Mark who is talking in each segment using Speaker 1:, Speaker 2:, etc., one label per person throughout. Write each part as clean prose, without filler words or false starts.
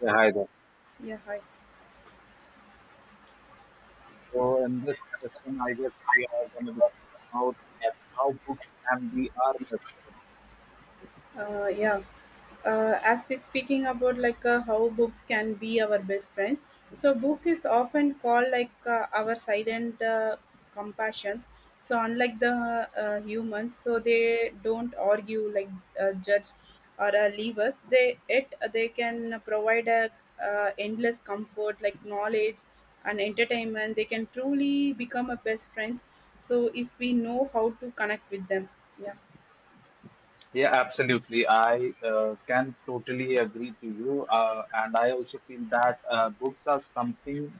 Speaker 1: Yeah, hi there.
Speaker 2: Yeah, hi.
Speaker 1: So in this session, I guess we are going to discuss about that how books can be our best.
Speaker 2: Yeah. As we speaking about like how books can be our best friends, so book is often called like our silent compassions. So unlike the humans, so they don't argue like judge or leave us. They can provide a endless comfort like knowledge and entertainment. They can truly become a best friends. So if we know how to connect with them, yeah,
Speaker 1: Yeah, absolutely. I can totally agree to you, and I also feel that books are something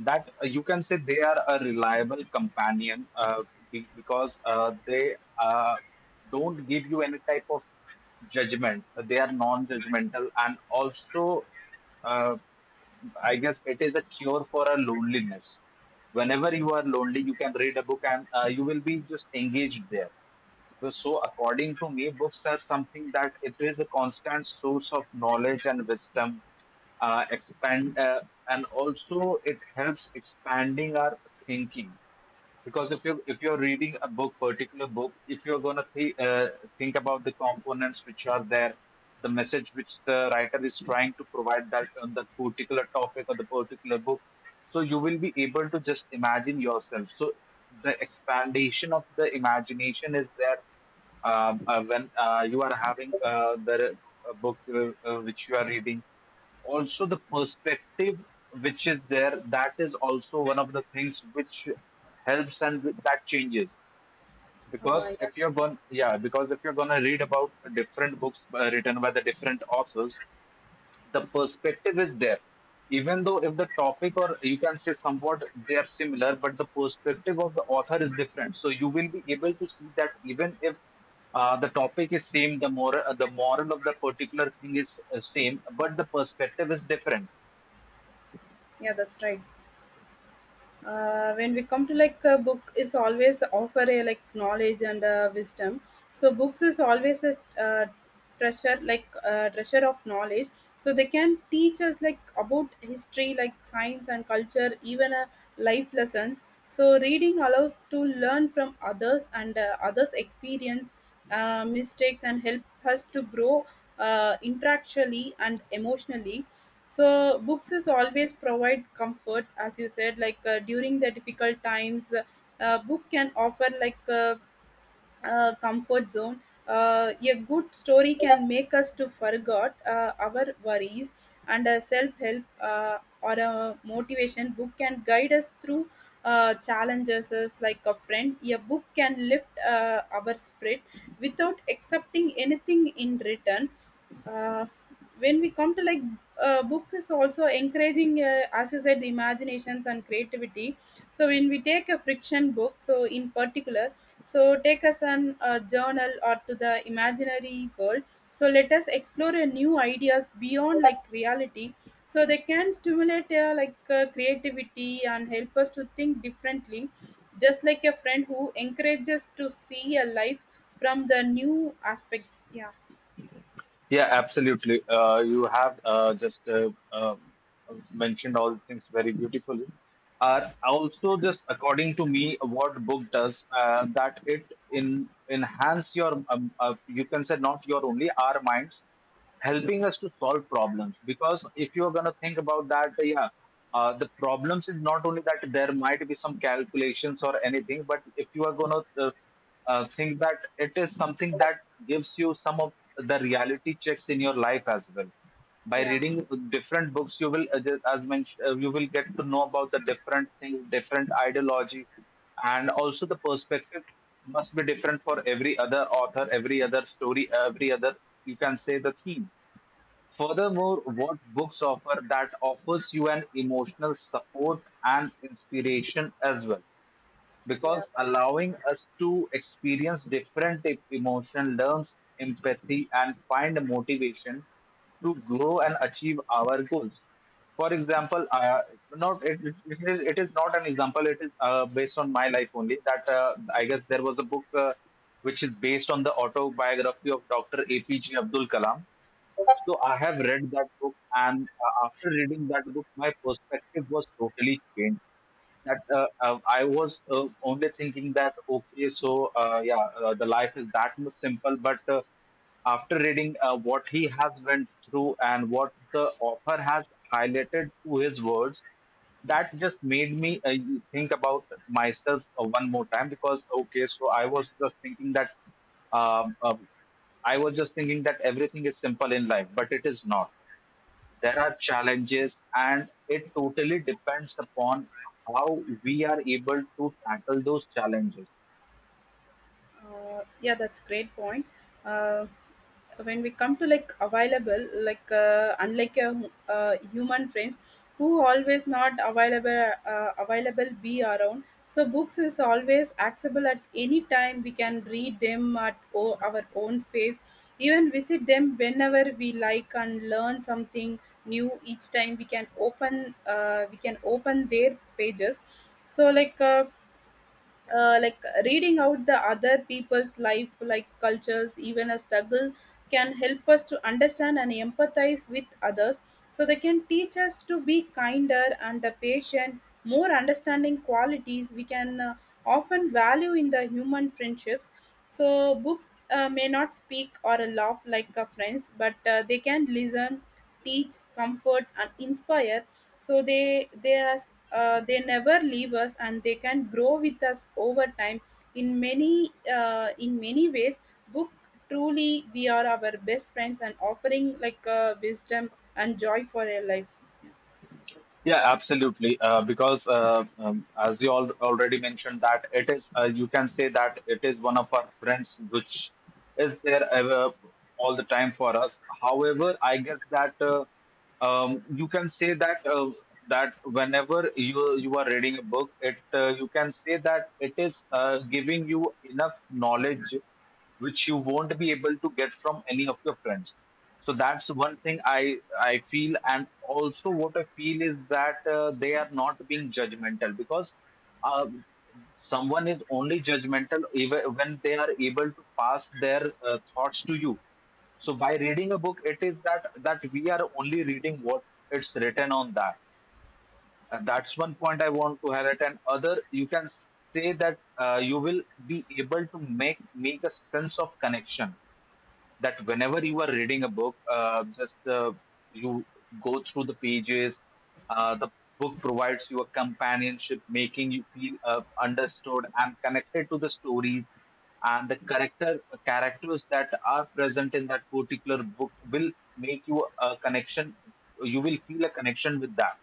Speaker 1: that you can say they are a reliable companion because they don't give you any type of judgment. They are non-judgmental, and also, uh, I guess it is a cure for a loneliness. Whenever you are lonely, you can read a book, and you will be just engaged there. So, according to me, books are something that it is a constant source of knowledge and wisdom, expand and also it helps expanding our thinking because if you're reading a book particular book. If you're going to think about the components which are there, the message which the writer is trying to provide that on the particular topic or the particular book, so you will be able to just imagine yourself. So the expandation of the imagination is there when you are having the book which you are reading. Also the perspective which is there, that is also one of the things which helps and that changes, because
Speaker 2: yeah.
Speaker 1: if you're going yeah because if you're going to read about different books written by the different authors, the perspective is there. Even though if the topic, or you can say somewhat they are similar, but the perspective of the author is different, so you will be able to see that, even if the topic is same, the moral, the moral of the particular thing is same, but the perspective is different.
Speaker 2: Yeah, that's right. When we come to like a book is always offer a like knowledge and wisdom, so books is always a treasure like treasure of knowledge, so they can teach us like about history like science and culture even life lessons. So reading allows to learn from others and others experience mistakes and help us to grow intellectually and emotionally. So books is always provide comfort as you said like during the difficult times. Book can offer like a comfort zone. A good story can make us to forget our worries, and a self-help or a motivation book can guide us through challenges as like a friend a book can lift our spirit without accepting anything in return. uh, when we come to like book is also encouraging as you said the imaginations and creativity, so when we take a friction book so in particular, so take us an a journal or to the imaginary world, so let us explore a new ideas beyond like reality. So they can stimulate like creativity and help us to think differently, just like a friend who encourages to see a life from the new aspects. Yeah.
Speaker 1: Yeah, absolutely. You have just mentioned all things very beautifully. Also, just according to me, what book does that it in enhance your you can say not your only our minds, helping us to solve problems, because if you're going to think about that, the problems is not only that there might be some calculations or anything, but if you are going to think that it is something that gives you some of the reality checks in your life as well. By
Speaker 2: Yeah.
Speaker 1: reading different books you will, just as mentioned, you will get to know about the different things, different ideology, and also the perspective must be different for every other author, every other story, every other, you can say, the theme. Furthermore, what books offer, that offers you an emotional support and inspiration as well,
Speaker 2: Yeah,
Speaker 1: because
Speaker 2: that's
Speaker 1: allowing us to experience different emotion, learns empathy, and find motivation to grow and achieve our goals. For example, not it, it, it is not an example. It is based on my life only. That I guess there was a book which is based on the autobiography of Dr. APJ Abdul Kalam. So I have read that book, and after reading that book, my perspective was totally changed. That I was only thinking that, okay, so the life is that much simple. But after reading what he has went through and what the author has highlighted through his words, that just made me you think about myself one more time, because okay, so I was just thinking that um, um, I was just thinking that everything is simple in life, but it is not. There are challenges, and it totally depends upon how we are able to tackle those challenges.
Speaker 2: right. Yeah, that's great point. Uh, when we come to like available, like unlike a human friends who always not available, available be around. So books is always accessible at any time. We can read them at our own space, even visit them whenever we like and learn something new each time. We can open their pages. So like. Like reading out the other people's life like cultures even a struggle can help us to understand and empathize with others, so they can teach us to be kinder and patient more understanding qualities we can often value in the human friendships. So books may not speak or laugh like friends, but they can listen, teach, comfort and inspire, so they as they never leave us and they can grow with us over time, in many ways book truly we are our best friends and offering like wisdom and joy for our life.
Speaker 1: Yeah, absolutely. Because As you all already mentioned, that it is, you can say, that it is one of our friends which is there ever all the time for us. However, I guess that you can say that that whenever you you are reading a book, it, you can say, that it is giving you enough knowledge which you won't be able to get from any of your friends. So that's one thing I feel, and also what I feel is that they are not being judgmental, because uh, someone is only judgmental even when they are able to pass their thoughts to you. So by reading a book, it is that we are only reading what it's written on that, and that's one point I want to highlight. And other, you can say that you will be able to make a sense of connection. That whenever you are reading a book, just you go through the pages. The book provides you a companionship, making you feel understood and connected to the stories, and the characters that are present in that particular book will make you a connection. You will feel a connection with that.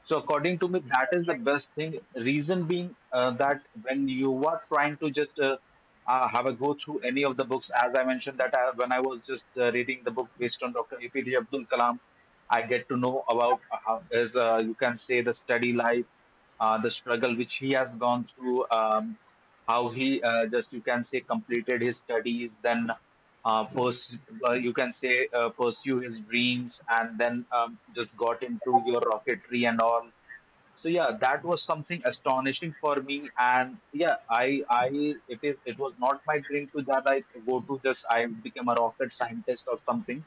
Speaker 1: So according to me, that is the best thing. Reason being that when you are trying to just have a go through any of the books. As I mentioned, that I, when I was just reading the book based on Dr. APJ Abdul Kalam, I get to know about how is, you can say, the study life, the struggle which he has gone through, how he, just you can say, completed his studies, then uh, pers- you can say, pursue his dreams, and then just got into your rocketry and all. So yeah, that was something astonishing for me, and yeah, I it is it was not my dream to that I go to just I become a rocket scientist or something,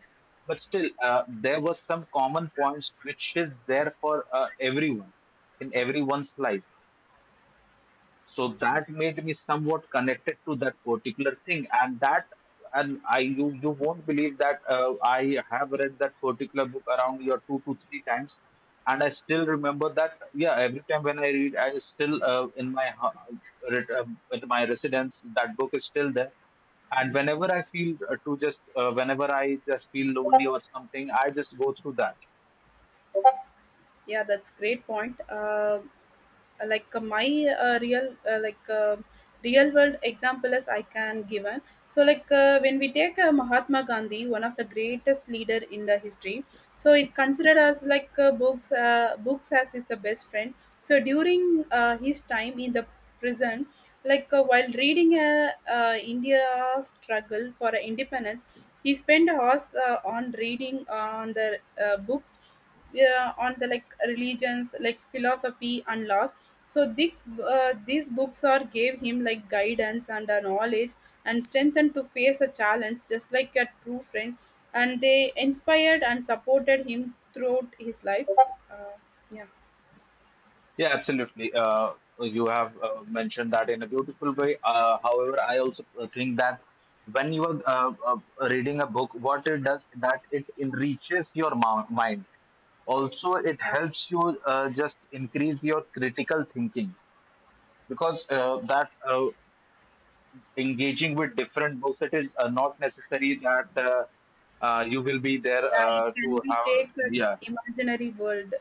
Speaker 1: but still there were some common points which is there for everyone, in everyone's life. So that made me somewhat connected to that particular thing, and that, and I you you won't believe that I have read that particular book around your 2 to 3 times, and I still remember that. Yeah, every time when I read, I still, re- uh, in my residence, that book is still there, and whenever I feel to just whenever I just feel lonely or something, I just go through that.
Speaker 2: Yeah, that's great point. Like my real like real world example as I can given. So like when we take Mahatma Gandhi, one of the greatest leader in the history, so it considered as like books as it's the best friend. So during his time in the prison, like while reading India's struggle for independence, he spent hours on reading on the books, yeah, on the like religions like philosophy and laws, so these books are gave him like guidance and knowledge and strengthened to face a challenge just like a true friend, and they inspired and supported him throughout his life. uh, yeah.
Speaker 1: Yeah, absolutely. You have mentioned that in a beautiful way. However, I also think that when you are reading a book, what it does, that it enriches your mind. Also, it
Speaker 2: Yeah.
Speaker 1: helps you just increase your critical thinking, because that engaging with different books, it is not necessary that you will be there
Speaker 2: Yeah, it can
Speaker 1: to
Speaker 2: be
Speaker 1: have.
Speaker 2: takes an
Speaker 1: Yeah.
Speaker 2: imaginary world.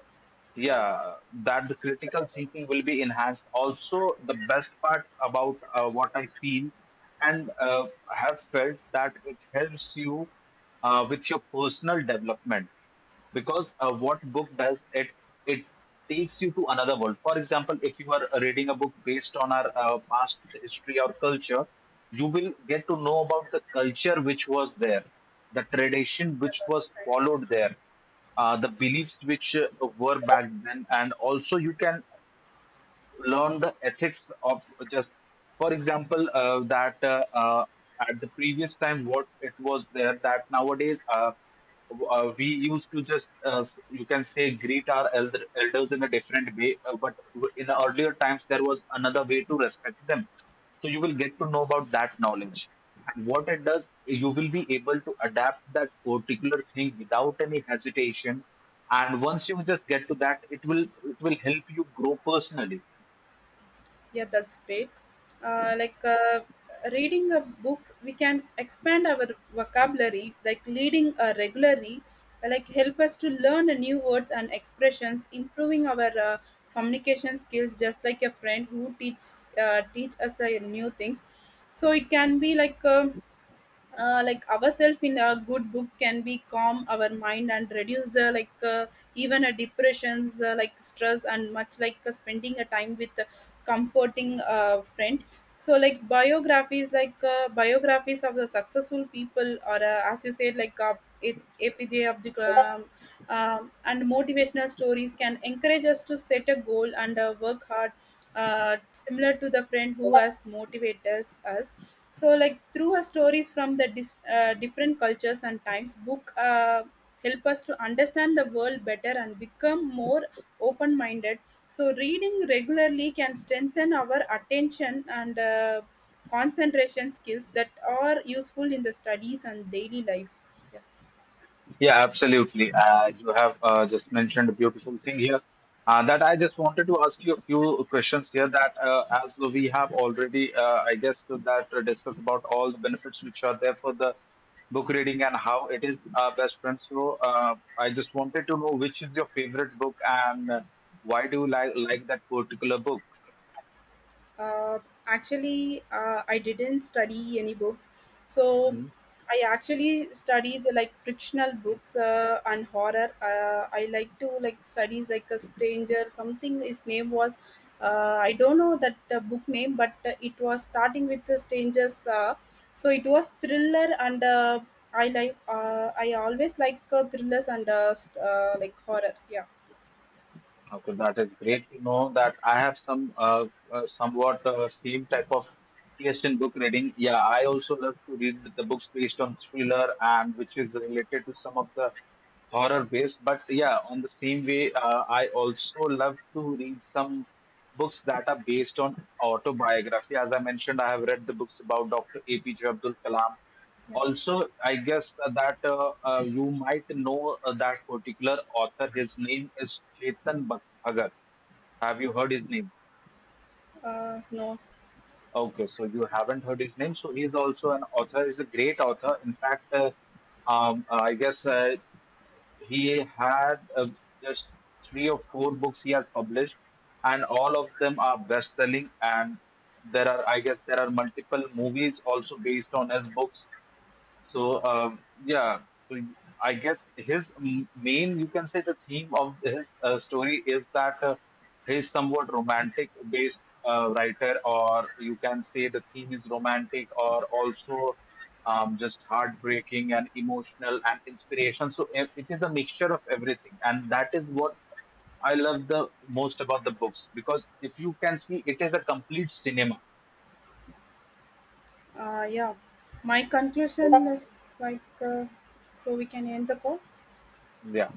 Speaker 2: Yeah.
Speaker 1: Yeah, that the critical thinking will be enhanced. Also the best part about, what I feel and have felt, that it helps you with your personal development, because what book does, it takes you to another world. For example, if you are reading a book based on our past history or culture, you will get to know about the culture which was there, the tradition which was followed there, the beliefs which were back then, and also you can learn the ethics of just. For example, that at the previous time, what it was there, that nowadays, we used to just you can say, greet our elders in a different way, but in the earlier times there was another way to respect them. So you will get to know about that knowledge, and what it does, you will be able to adapt that particular thing without any hesitation, and once you just get to that, it will help you grow personally.
Speaker 2: Yeah, that's great. Like reading a books, we can expand our vocabulary. Like reading regularly, like help us to learn a new words and expressions, improving our communication skills. Just like a friend who teach us new things, so it can be like. Like ourselves in a good book can be calm our mind and reduce the like even a depressions like stress and much like spending a time with a comforting friend, so like biographies of the successful people or as you said like A- APJ Abdul Kalam, um, and motivational stories can encourage us to set a goal and work hard, uh, similar to the friend who has motivated us. So like through her stories from the different cultures and times book help us to understand the world better and become more open minded, so reading regularly can strengthen our attention and concentration skills that are useful in the studies and daily life.
Speaker 1: Yeah, absolutely. You have just mentioned a beautiful thing here. That I just wanted to ask you a few questions here. That as we have already, I guess, that discussed about all the benefits which are there for the book reading, and how it is our best friend. So I just wanted to know which is your favorite book, and why do you like that particular book?
Speaker 2: Uh, Actually, I didn't study any books, so
Speaker 1: Hmm.
Speaker 2: I actually studied like fictional books and horror. I like to like studies like a stranger. Something his name was. I don't know that book name, but it was starting with the strangers. So it was thriller, and I like. I always like thrillers and like horror. Yeah.
Speaker 1: Okay, that is great. You know that I have some somewhat same type of taste in book reading. Yeah, I also love to read the books based on thriller and which is related to some of the horror based. But yeah, on the same way, I also love to read some books that are based on autobiography. As I mentioned, I have read the books about Dr. APJ Abdul Kalam.
Speaker 2: Yeah.
Speaker 1: Also, I guess that you might know that particular author. His name is Bhagat. Have you heard his name?
Speaker 2: No.
Speaker 1: Okay, so you haven't heard his name. So he's also an author. He's a great author. In fact, I guess he had just 3 or 4 books he has published, and all of them are best-selling. And there are, I guess, there are multiple movies also based on his books. So yeah, so I guess his main, you can say, the theme of his story is that he's somewhat romantic-based writer, or you can say the theme is romantic, or also just heartbreaking and emotional and inspiration. So it is a mixture of everything, and that is what I love the most about the books, because if you can see, it is a complete cinema.
Speaker 2: Yeah, my conclusion is like, so we can end the call.
Speaker 1: Yeah.